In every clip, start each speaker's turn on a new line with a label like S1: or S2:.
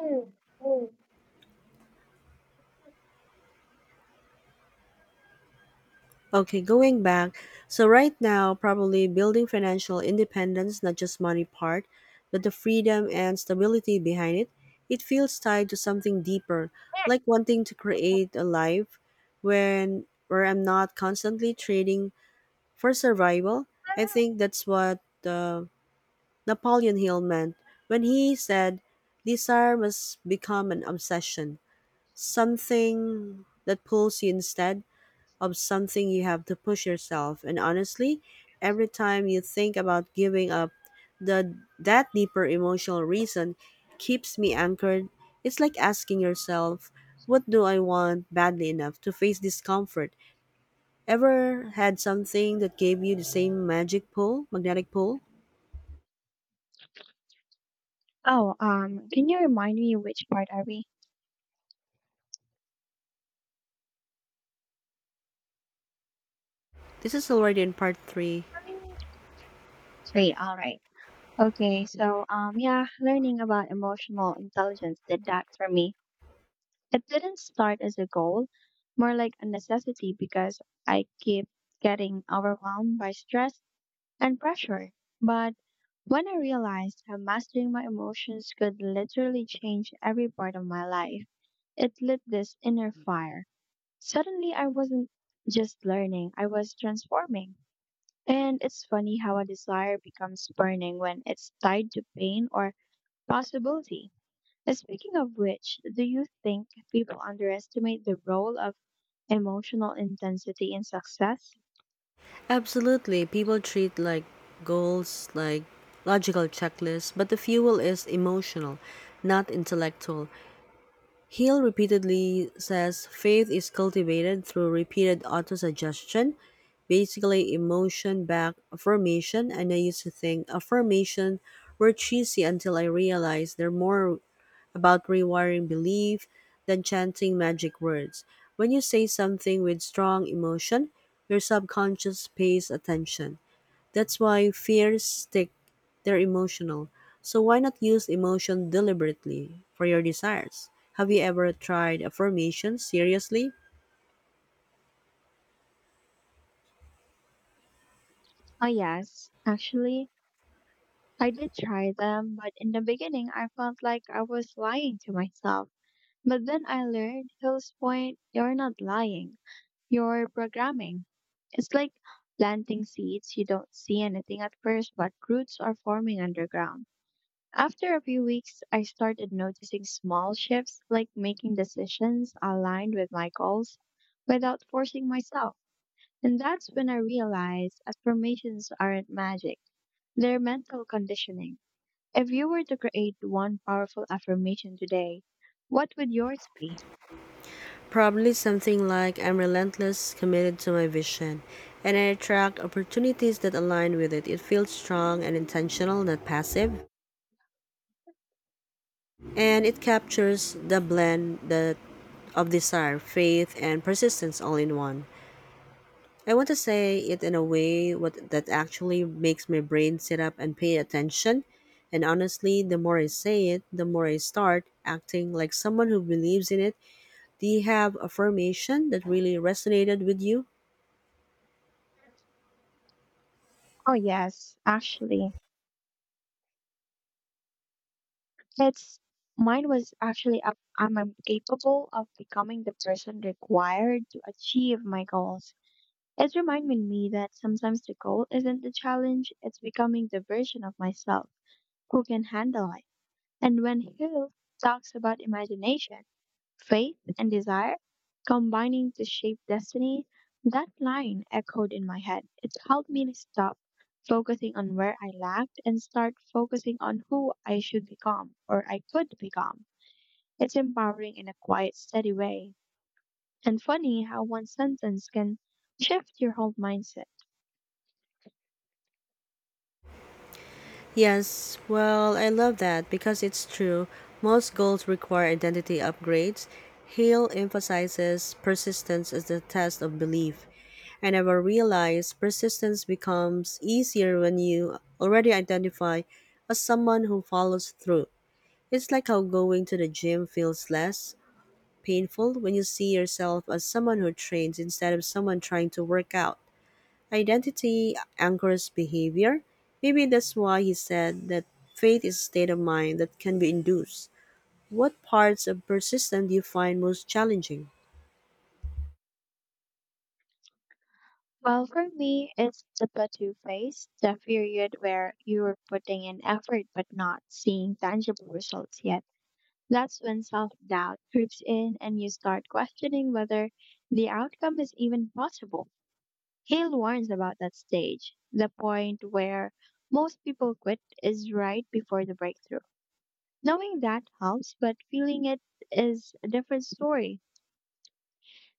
S1: Oh,
S2: Okay, going back. So right now, probably building financial independence, not just money part, but the freedom and stability behind it, it feels tied to something deeper, like wanting to create a life when where I'm not constantly trading for survival. I think that's what Napoleon Hill meant when he said, "Desire must become an obsession, something that pulls you instead of something you have to push yourself." And honestly, every time you think about giving up, the that deeper emotional reason keeps me anchored. It's like asking yourself, what do I want badly enough to face discomfort? Ever had something that gave you the same magnetic pull?
S1: can you remind me which part are we?
S2: This is already in part three.
S1: Three, all right. Okay, so yeah, learning about emotional intelligence did that for me. It didn't start as a goal, more like a necessity because I keep getting overwhelmed by stress and pressure. But when I realized how mastering my emotions could literally change every part of my life, it lit this inner fire. Suddenly, I wasn't just learning, I was transforming. And it's funny how a desire becomes burning when it's tied to pain or possibility. And speaking of which, do you think people underestimate the role of emotional intensity in success?
S2: Absolutely, people treat like goals like logical checklists, but the fuel is emotional, not intellectual. Hill repeatedly says faith is cultivated through repeated autosuggestion, basically emotion back affirmation, and I used to think affirmation were cheesy until I realized they're more about rewiring belief than chanting magic words. When you say something with strong emotion, your subconscious pays attention. That's why fears stick. They're emotional. So why not use emotion deliberately for your desires? Have you ever tried affirmation seriously?
S1: Oh, yes. Actually, I did try them, but in the beginning, I felt like I was lying to myself. But then I learned Hill's point, you're not lying. Your programming. It's like planting seeds. You don't see anything at first, but roots are forming underground. After a few weeks, I started noticing small shifts, like making decisions aligned with my goals without forcing myself. And that's when I realized affirmations aren't magic, they're mental conditioning. If you were to create one powerful affirmation today, what would yours be?
S2: Probably something like I'm relentless, committed to my vision, and I attract opportunities that align with it. It feels strong and intentional, not passive, and it captures the blend that of desire, faith, and persistence all in one. I want to say it in a that actually makes my brain sit up and pay attention. And honestly, the more I say it, the more I start acting like someone who believes in it. Do you have affirmation that really resonated with you?
S1: Oh yes, actually, it's, mine was actually up. I'm incapable of becoming the person required to achieve my goals. It's reminding me that sometimes the goal isn't the challenge; it's becoming the version of myself who can handle it. And when Hill talks about imagination, faith and desire combining to shape destiny, that line echoed in my head. It helped me to stop focusing on where I lacked and start focusing on who I should become or I could become. It's empowering in a quiet, steady way. And funny how one sentence can shift your whole mindset.
S2: Yes, well, I love that because it's true. Most goals require identity upgrades. Hale emphasizes persistence as the test of belief. I never realized persistence becomes easier when you already identify as someone who follows through. It's like how going to the gym feels less painful when you see yourself as someone who trains instead of someone trying to work out. Identity anchors behavior. Maybe that's why he said that faith is a state of mind that can be induced. What parts of persistence do you find most challenging?
S1: Well, for me, it's the plateau phase, the period where you're putting in effort but not seeing tangible results yet. That's when self doubt creeps in and you start questioning whether the outcome is even possible. Hale warns about that stage. The point where most people quit is right before the breakthrough. Knowing that helps, but feeling it is a different story.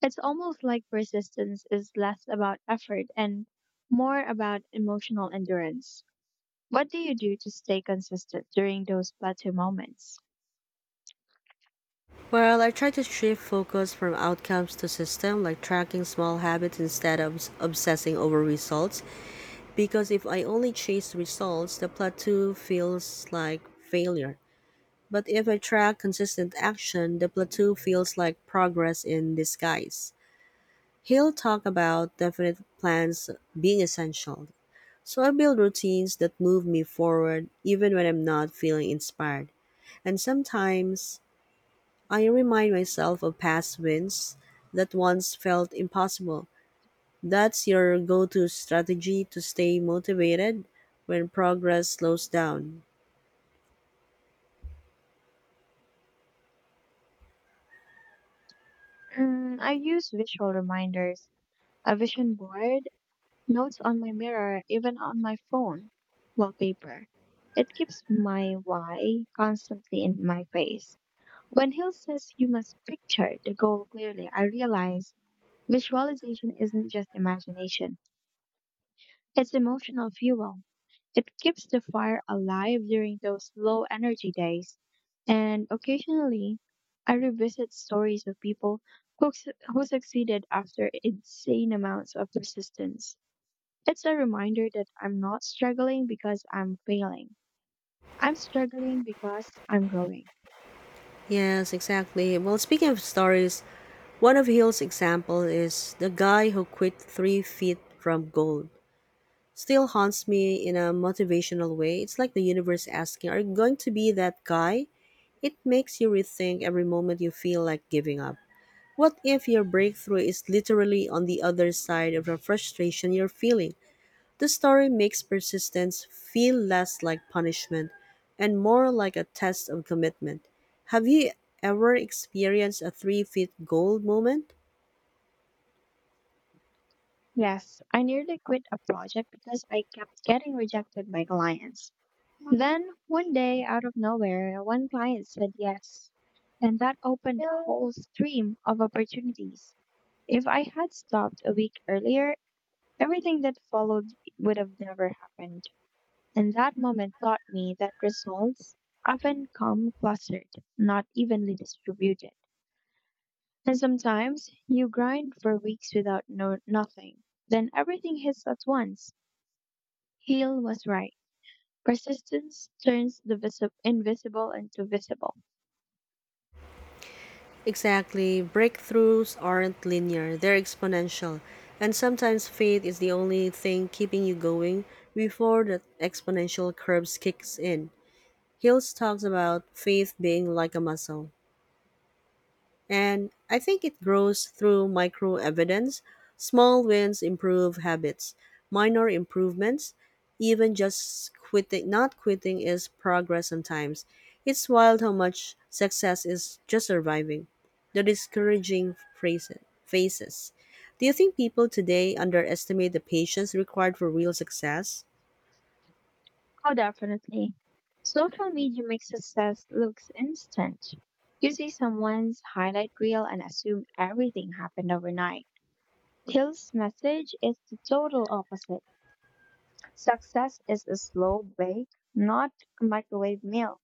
S1: It's almost like persistence is less about effort and more about emotional endurance. What do you do to stay consistent during those plateau moments?
S2: Well, I try to shift focus from outcomes to system, like tracking small habits instead of obsessing over results. Because if I only chase results, the plateau feels like failure. But if I track consistent action, the plateau feels like progress in disguise. He'll talk about definite plans being essential. So I build routines that move me forward even when I'm not feeling inspired. And sometimes I remind myself of past wins that once felt impossible. That's your go to strategy to stay motivated when progress slows down.
S1: Mm, I use visual reminders, a vision board, notes on my mirror, even on my phone wallpaper. It keeps my why constantly in my face. When Hill says you must picture the goal clearly, I realize visualization isn't just imagination, it's emotional fuel. It keeps the fire alive during those low energy days. And occasionally, I revisit stories of people who, who succeeded after insane amounts of persistence. It's a reminder that I'm not struggling because I'm failing. I'm struggling because I'm growing.
S2: Yes, exactly. Well, speaking of stories, one of Hill's example is the guy who quit 3 feet from gold. Still haunts me in a motivational way. It's like the universe asking, are you going to be that guy? It makes you rethink every moment you feel like giving up. What if your breakthrough is literally on the other side of the frustration you're feeling? The story makes persistence feel less like punishment and more like a test of commitment. Have you ever experienced a 3 feet goal moment?
S1: Yes, I nearly quit a project because I kept getting rejected by clients. Then, one day, out of nowhere, one client said yes. And that opened a whole stream of opportunities. If I had stopped a week earlier, everything that followed would have never happened. And that moment taught me that results often come clustered, not evenly distributed. And sometimes you grind for weeks without nothing. Then everything hits at once. Heal was right. Persistence turns the invisible into visible.
S2: Exactly. Breakthroughs aren't linear, they're exponential. And sometimes faith is the only thing keeping you going before the exponential curves kicks in. Hills talks about faith being like a muscle. And I think it grows through micro evidence. Small wins improve habits, minor improvements, even just not quitting is progress sometimes. It's wild how much success is just surviving. The phases. Do you think people today underestimate the patience required for real success?
S1: Oh, definitely. Social media makes success looks instant. You see someone's highlight reel and assume everything happened overnight. Hill's message is the total opposite. Success is a slow bake, not a microwave meal.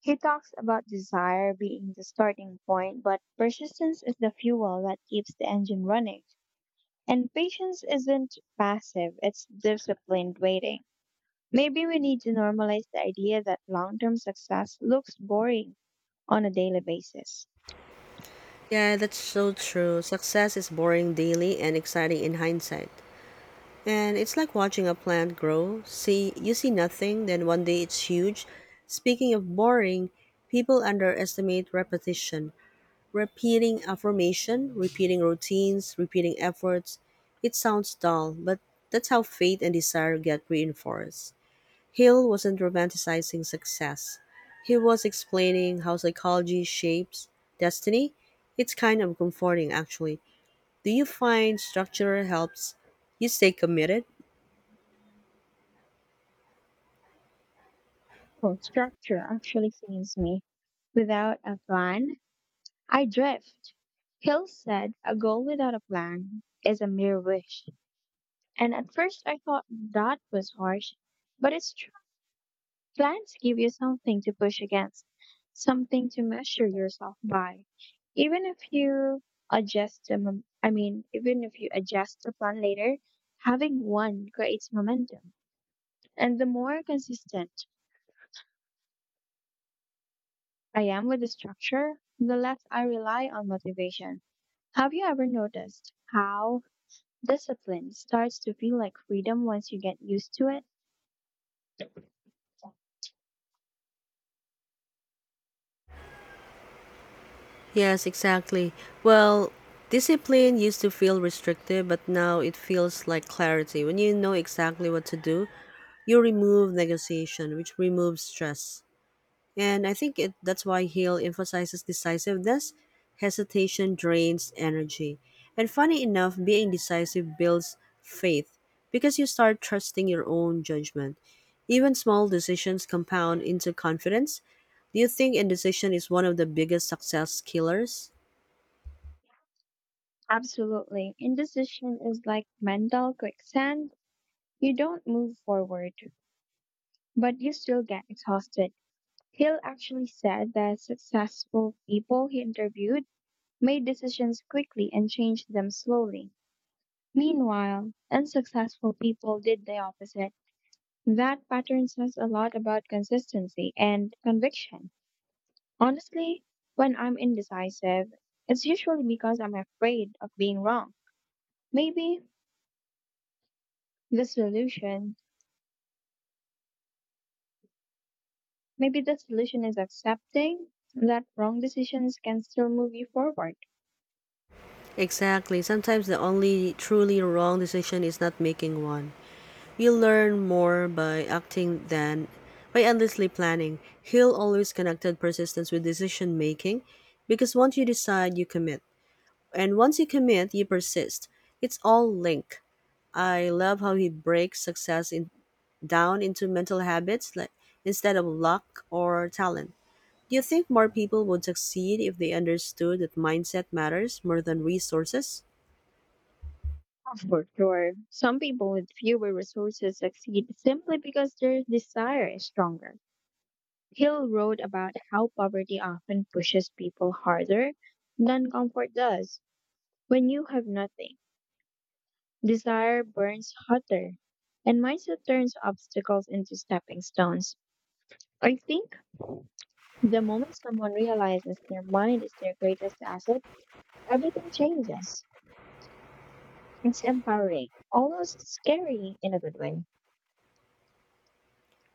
S1: He talks about desire being the starting point, but persistence is the fuel that keeps the engine running. And patience isn't passive, it's disciplined waiting. Maybe we need to normalize the idea that long term success looks boring on a daily basis.
S2: Yeah, that's so true. Success is boring daily and exciting in hindsight. And it's like watching a plant grow. See, you see nothing, then one day it's huge. Speaking of boring, people underestimate repetition. Repeating affirmation, repeating routines, repeating efforts. It sounds dull, but that's how faith and desire get reinforced. Hill wasn't romanticizing success. He was explaining how psychology shapes destiny. It's kind of comforting, actually. Do you find structure helps you stay committed?
S1: Well, structure actually saves me. Without a plan, I drift. Hill said, a goal without a plan is a mere wish. And at first I thought that was harsh, but it's, plans give you something to push against, something to measure yourself by. Even if you adjust the, mom- I mean, even if you adjust the plan later, having one creates momentum. And the more consistent I am with the structure, the less I rely on motivation. Have you ever noticed how discipline starts to feel like freedom once you get used to it?
S2: Yes, exactly. Well, discipline used to feel restrictive, but now it feels like clarity. When you know exactly what to do, you remove negotiation, which removes stress. And that's why Hill emphasizes decisiveness. Hesitation drains energy. And funny enough, being decisive builds faith because you start trusting your own judgment. Even small decisions compound into confidence. Do you think indecision is one of the biggest success killers?
S1: Absolutely. Indecision is like mental quicksand. You don't move forward, but you still get exhausted. Hill actually said that successful people he interviewed made decisions quickly and changed them slowly. Meanwhile, unsuccessful people did the opposite. That pattern says a lot about consistency and conviction. Honestly, when I'm indecisive, it's usually because I'm afraid of being wrong. Maybe the solution, maybe the solution is accepting that wrong decisions can still move you forward.
S2: Exactly. Sometimes the only truly wrong decision is not making one. You learn more by acting than by endlessly planning. Hill always connected persistence with decision making because once you decide, you commit. And once you commit, you persist. It's all linked. I love how he breaks down into mental habits like, instead of luck or talent. Do you think more people would succeed if they understood that mindset matters more than resources?
S1: For sure. Some people with fewer resources succeed simply because their desire is stronger. Hill wrote about how poverty often pushes people harder than comfort does. When you have nothing, desire burns hotter, and mindset turns obstacles into stepping stones. I think the moment someone realizes their mind is their greatest asset, everything changes. It's empowering, almost scary in a good way.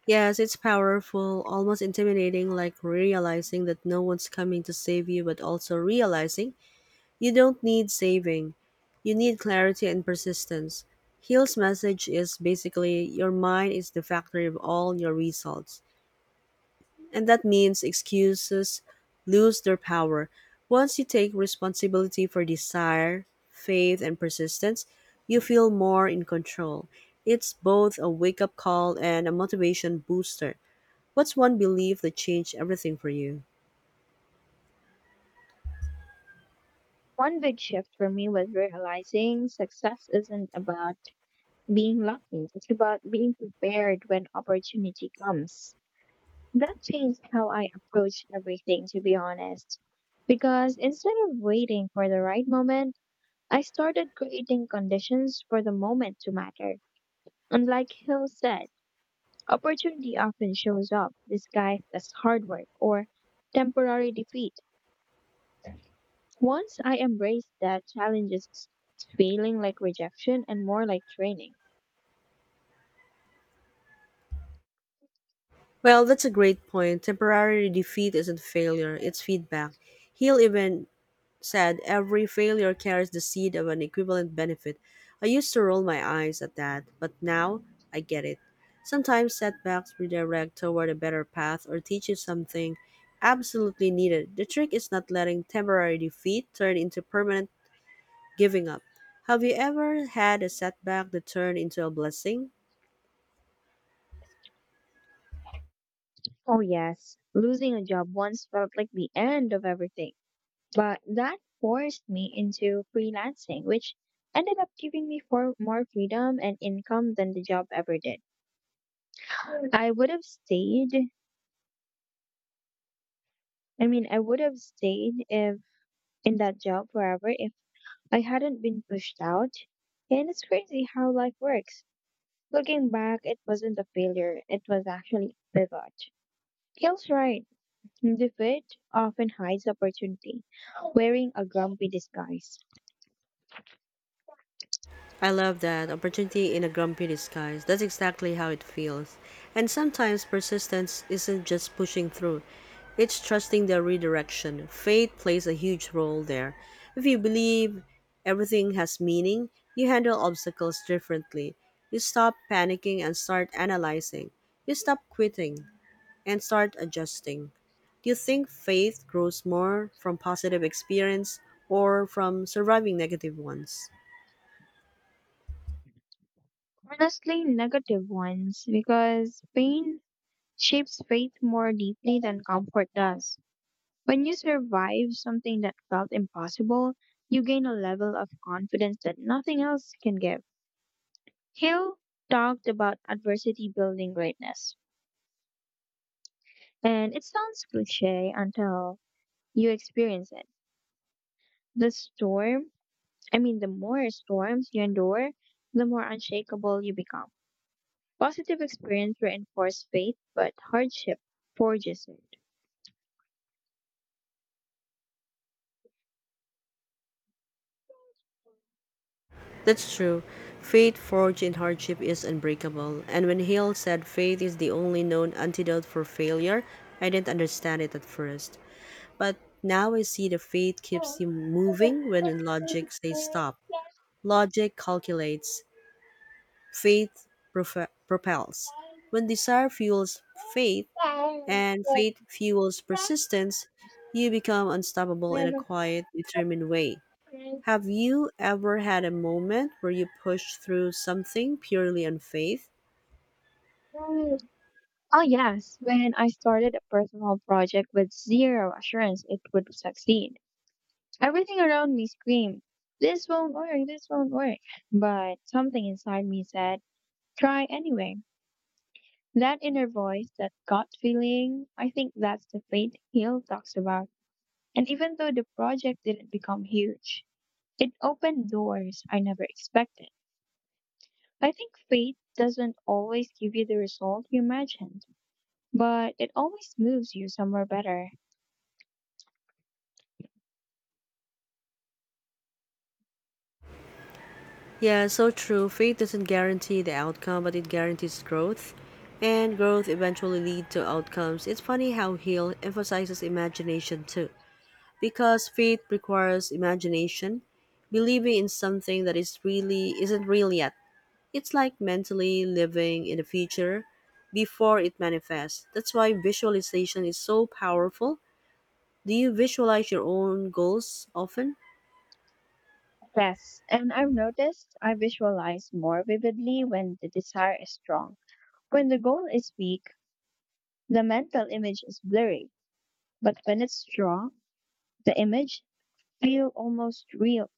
S2: Yes, it's powerful, almost intimidating, like realizing that no one's coming to save you, but also realizing you don't need saving. You need clarity and persistence. Hill's message is basically your mind is the factory of all your results. And that means excuses lose their power. Once you take responsibility for desire, faith, and persistence, you feel more in control. It's both a wake up call and a motivation booster. What's one belief that changed everything for you?
S1: One big shift for me was realizing success isn't about being lucky, it's about being prepared when opportunity comes. That changed how I approached everything, to be honest. Because instead of waiting for the right moment, I started creating conditions for the moment to matter. And like Hill said, opportunity often shows up disguised as hard work or temporary defeat. Once I embraced that challenges is feeling like rejection and more like training.
S2: Well, that's a great point. Temporary defeat isn't failure, it's feedback. Hill even said every failure carries the seed of an equivalent benefit. I used to roll my eyes at that, but now I get it. Sometimes setbacks redirect toward a better path or teach you something absolutely needed. The trick is not letting temporary defeat turn into permanent giving up. Have you ever had a setback that turned into a blessing?
S1: Oh, yes, losing a job once felt like the end of everything, but that forced me into freelancing, which ended up giving me for more freedom and income than the job ever did. I would have stayed, I would have stayed if in that job forever if I hadn't been pushed out. And it's crazy how life works. Looking back, it wasn't a failure, it was actually a pivot. Hill's right. Defeat often hides opportunity, wearing a grumpy disguise.
S2: I love that. Opportunity in a grumpy disguise. That's exactly how it feels. And sometimes persistence isn't just pushing through, it's trusting the redirection. Fate plays a huge role there. If you believe everything has meaning, you handle obstacles differently. You stop panicking and start analyzing. You stop quitting and start adjusting. Do you think faith grows more from positive experience or from surviving negative ones?
S1: Honestly, negative ones, because pain shapes faith more deeply than comfort does. When you survive something that felt impossible, you gain a level of confidence that nothing else can give. Hill talked about adversity building greatness, and it sounds cliche until you experience it. The storm, the more storms you endure, the more unshakable you become. Positive experience reinforces faith, but hardship forges it.
S2: That's true. Faith forged in hardship is unbreakable. And when Hill said faith is the only known antidote for failure, I didn't understand it at first. But now I see the faith keeps you moving when logic says stop. Logic calculates, faith propels. When desire fuels faith and faith fuels persistence, you become unstoppable in a quiet, determined way. Have you ever had a moment where you pushed through something purely on faith?
S1: Oh, yes. When I started a personal project with zero assurance it would succeed, everything around me screamed, this won't work, this won't work. But something inside me said, try anyway. That inner voice, that gut feeling, I think that's the faith Hill talks about. And even though the project didn't become huge, it opened doors I never expected. I think faith doesn't always give you the result you imagined, but it always moves you somewhere better.
S2: Yeah, so true. Faith doesn't guarantee the outcome, but it guarantees growth. And growth eventually leads to outcomes. It's funny how Hill emphasizes imagination too. Because faith requires imagination, believing in something that is really isn't real yet. It's like mentally living in the future before it manifests. That's why visualization is so powerful. Do you visualize your own goals often?
S1: Yes, and I've noticed I visualize more vividly when the desire is strong. When the goal is weak, the mental image is blurry, but when it's strong, the image feel almost real.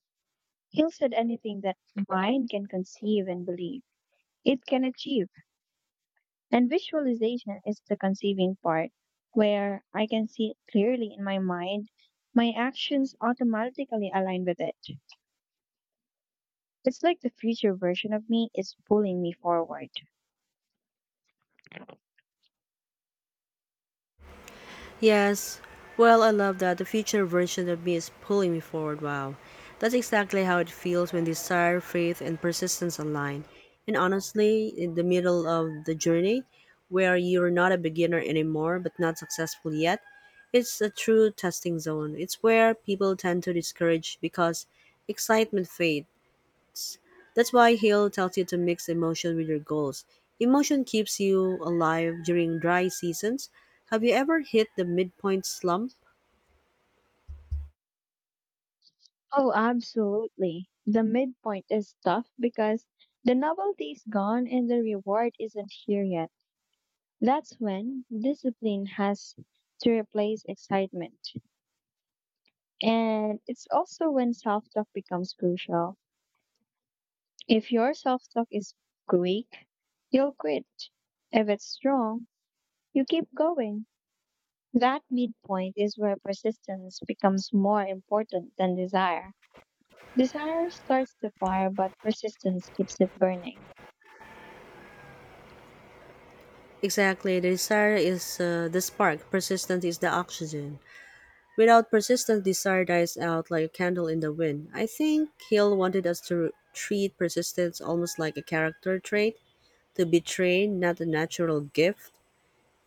S1: Hill said anything that mind can conceive and believe, it can achieve. And visualization is the conceiving part, where I can see it clearly in my mind. My actions automatically align with it. It's like the future version of me is pulling me forward.
S2: Yes. Well, I love that the future version of me is pulling me forward. Wow. That's exactly how it feels when desire, faith, and persistence align. And honestly, in the middle of the journey, where you're not a beginner anymore but not successful yet, it's a true testing zone. It's where people tend to discourage because excitement fades. That's why Hill tells you to mix emotion with your goals. Emotion keeps you alive during dry seasons. Have you ever hit the midpoint slump?
S1: Oh, absolutely. The midpoint is tough because the novelty is gone and the reward isn't here yet. That's when discipline has to replace excitement. And it's also when self talk becomes crucial. If your self talk is weak, you'll quit. If it's strong, you keep going. That midpoint is where persistence becomes more important than desire. Desire starts the fire, but persistence keeps it burning.
S2: Exactly. The desire is the spark. Persistence is the oxygen. Without persistence, desire dies out like a candle in the wind. I think Hill wanted us to treat persistence almost like a character trait, to be trained, not a natural gift.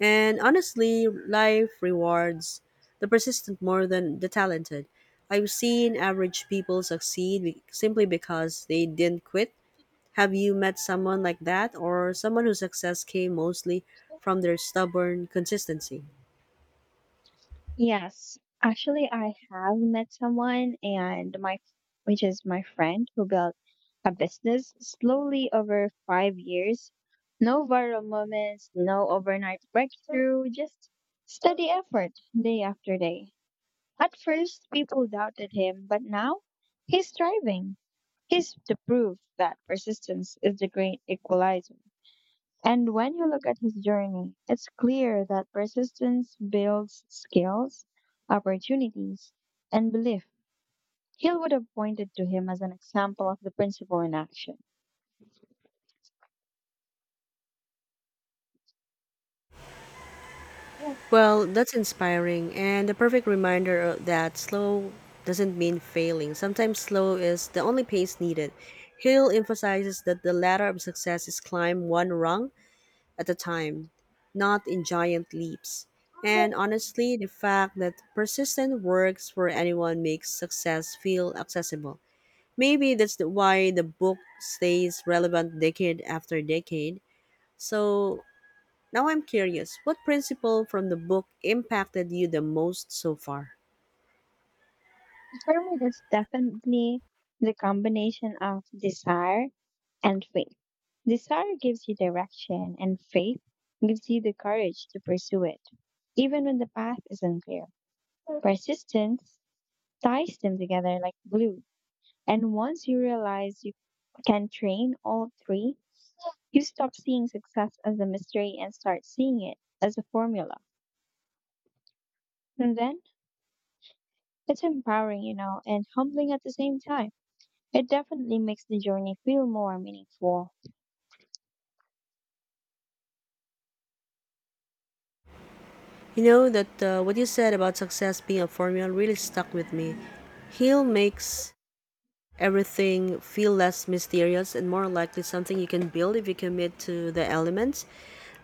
S2: And honestly, life rewards the persistent more than the talented. I've seen average people succeed simply because they didn't quit. Have you met someone like that or someone whose success came mostly from their stubborn consistency?
S1: Yes. Actually, I have met someone and my which is my friend who built a business slowly over 5 years. No viral moments, no overnight breakthrough, just steady effort day after day. At first, people doubted him, but now he's thriving. He's the proof that persistence is the great equalizer. And when you look at his journey, it's clear that persistence builds skills, opportunities, and belief. Hill would have pointed to him as an example of the principle in action. Yeah.
S2: Well, that's inspiring and a perfect reminder of that slow doesn't mean failing. Sometimes slow is the only pace needed. Hill emphasizes that the ladder of success is climb one rung at a time, not in giant leaps. And honestly, the fact that persistent works for anyone makes success feel accessible. Maybe that's why the book stays relevant decade after decade. So now I'm curious, what principle from the book impacted you the most so far?
S1: For me, that's definitely the combination of desire and faith. Desire gives you direction, and faith gives you the courage to pursue it, even when the path is unclear. Persistence ties them together like glue. And once you realize you can train all three, you stop seeing success as a mystery and start seeing it as a formula. And then it's empowering, and humbling at the same time. It definitely makes the journey feel more meaningful.
S2: You know that what you said about success being a formula really stuck with me. Hill makes everything feel less mysterious and more likely something you can build if you commit to the elements.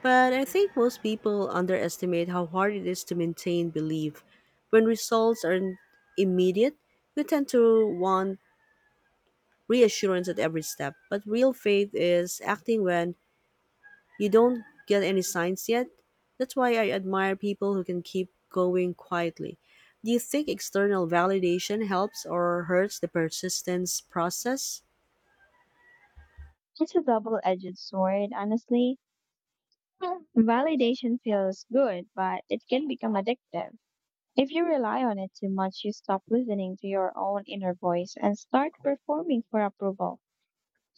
S2: But I think most people underestimate how hard it is to maintain belief. When results aren't immediate, we tend to want reassurance at every step. But real faith is acting when you don't get any signs yet. That's why I admire people who can keep going quietly. Do you think external validation helps or hurts the persistence process?
S1: It's a double edged sword, honestly. Validation feels good, but it can become addictive. If you rely on it too much, you stop listening to your own inner voice and start performing for approval.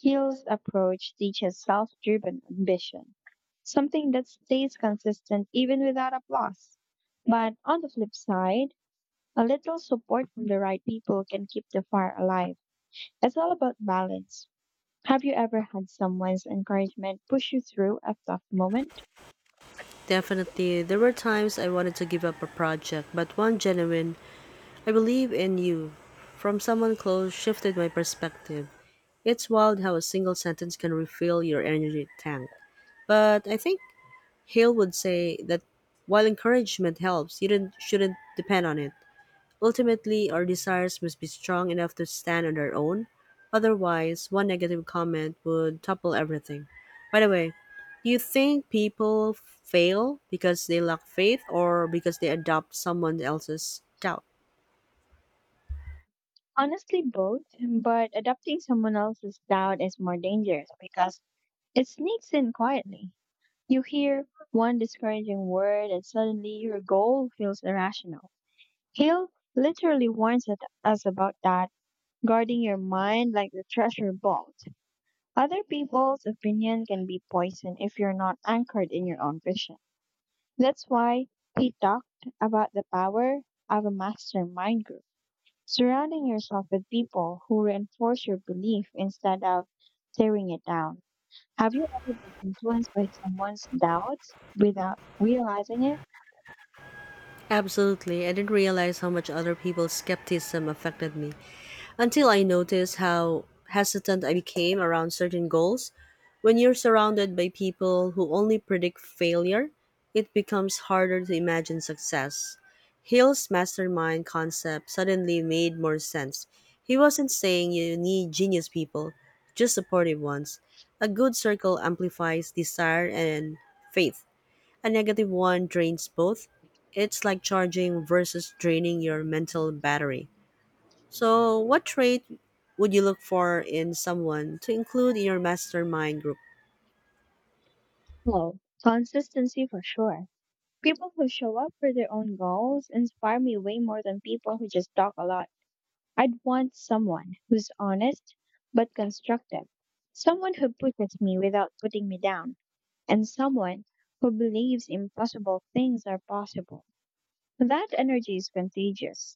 S1: Hill's approach teaches self driven ambition, something that stays consistent even without applause. But on the flip side, a little support from the right people can keep the fire alive. It's all about balance. Have you ever had someone's encouragement push you through a tough moment?
S2: Definitely, there were times I wanted to give up a project, but one genuine, I believe in you, from someone close shifted my perspective. It's wild how a single sentence can refill your energy tank. But I think Hale would say that while encouragement helps, you didn't, shouldn't depend on it. Ultimately, our desires must be strong enough to stand on their own. Otherwise, one negative comment would topple everything. By the way, do you think people fail because they lack faith or because they adopt someone else's doubt?
S1: Honestly, both, but adopting someone else's doubt is more dangerous because it sneaks in quietly. You hear one discouraging word and suddenly your goal feels irrational. Hill literally warns us about that, guarding your mind like the treasure vault. Other people's opinion can be poison if you're not anchored in your own vision. That's why he talked about the power of a mastermind group, surrounding yourself with people who reinforce your belief instead of tearing it down. Have you ever been influenced by someone's doubts without realizing it?
S2: Absolutely. I didn't realize how much other people's skepticism affected me until I noticed how hesitant I became around certain goals. When you're surrounded by people who only predict failure, it becomes harder to imagine success. Hill's mastermind concept suddenly made more sense. He wasn't saying you need genius people, just supportive ones. A good circle amplifies desire and faith. A negative one drains both. It's like charging versus draining your mental battery. So, what trait would you look for in someone to include in your mastermind group?
S1: No. Consistency for sure. People who show up for their own goals inspire me way more than people who just talk a lot. I'd want someone who's honest but constructive, someone who pushes me without putting me down, and someone who believes impossible things are possible. That energy is contagious.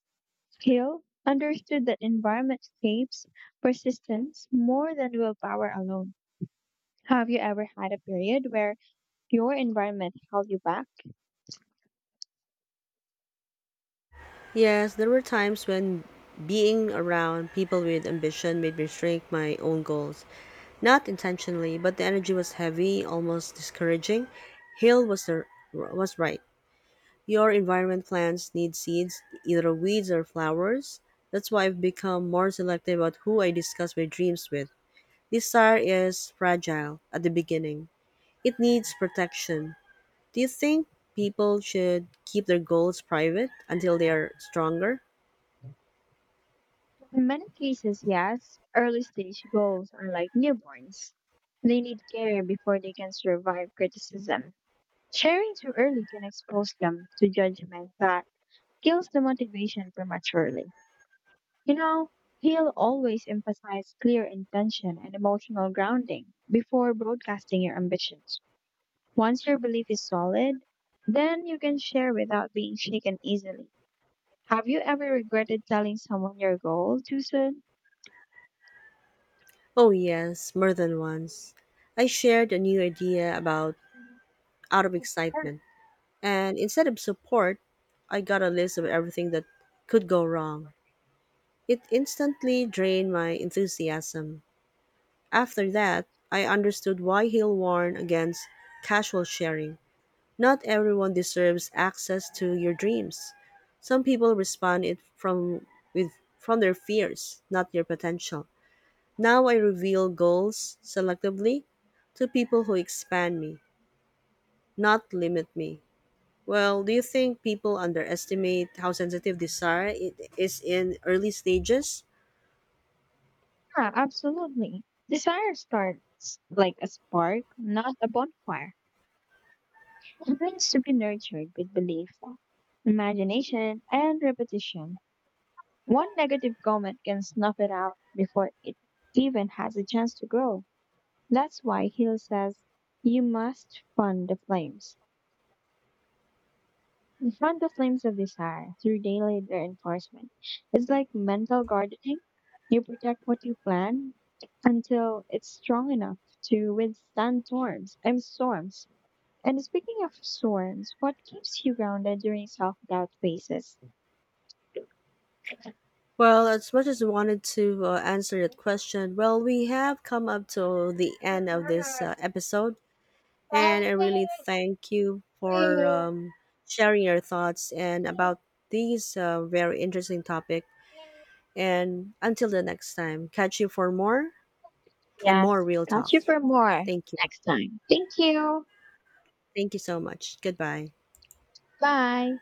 S1: Hill understood that environment shapes persistence more than willpower alone. Have you ever had a period where your environment held you back?
S2: Yes, there were times when being around people with ambition made me shrink my own goals. Not intentionally, but the energy was heavy, almost discouraging. Hill was right. Your environment plants need seeds, either weeds or flowers. That's why I've become more selective about who I discuss my dreams with. Desire is fragile at the beginning. It needs protection. Do you think people should keep their goals private until they are stronger?
S1: In many cases, yes, early stage goals are like newborns. They need care before they can survive criticism. Sharing too early can expose them to judgment that kills the motivation prematurely. You know, he'll always emphasize clear intention and emotional grounding before broadcasting your ambitions. Once your belief is solid, then you can share without being shaken easily. Have you ever regretted telling someone your goal too soon?
S2: Oh, yes, more than once. I shared a new idea about out of excitement, and instead of support, I got a list of everything that could go wrong. It instantly drained my enthusiasm. After that, I understood why Hill warned against casual sharing. Not everyone deserves access to your dreams. Some people respond it from with from their fears, not your potential. Now I reveal goals selectively to people who expand me, not limit me. Well, do you think people underestimate how sensitive desire is in early stages?
S1: Yeah, absolutely. Desire starts like a spark, not a bonfire. It needs to be nurtured with belief, imagination, and repetition. One negative comment can snuff it out before it even has a chance to grow. That's why Hill says you must fund the flames. You fan the flames of desire through daily reinforcement. It's like mental gardening. You protect what you plant until it's strong enough to withstand storms. And speaking of storms, what keeps you grounded during self-doubt phases?
S2: Well, as much as I wanted to answer that question, well, we have come up to the end of this episode. And I really thank you for sharing your thoughts and about these very interesting topic. And until the next time, catch you for more and more
S1: Yes,
S2: real
S1: catch
S2: talk.
S1: you for more
S2: Thank you.
S1: next time. Thank you.
S2: Thank you so much. Goodbye.
S1: Bye.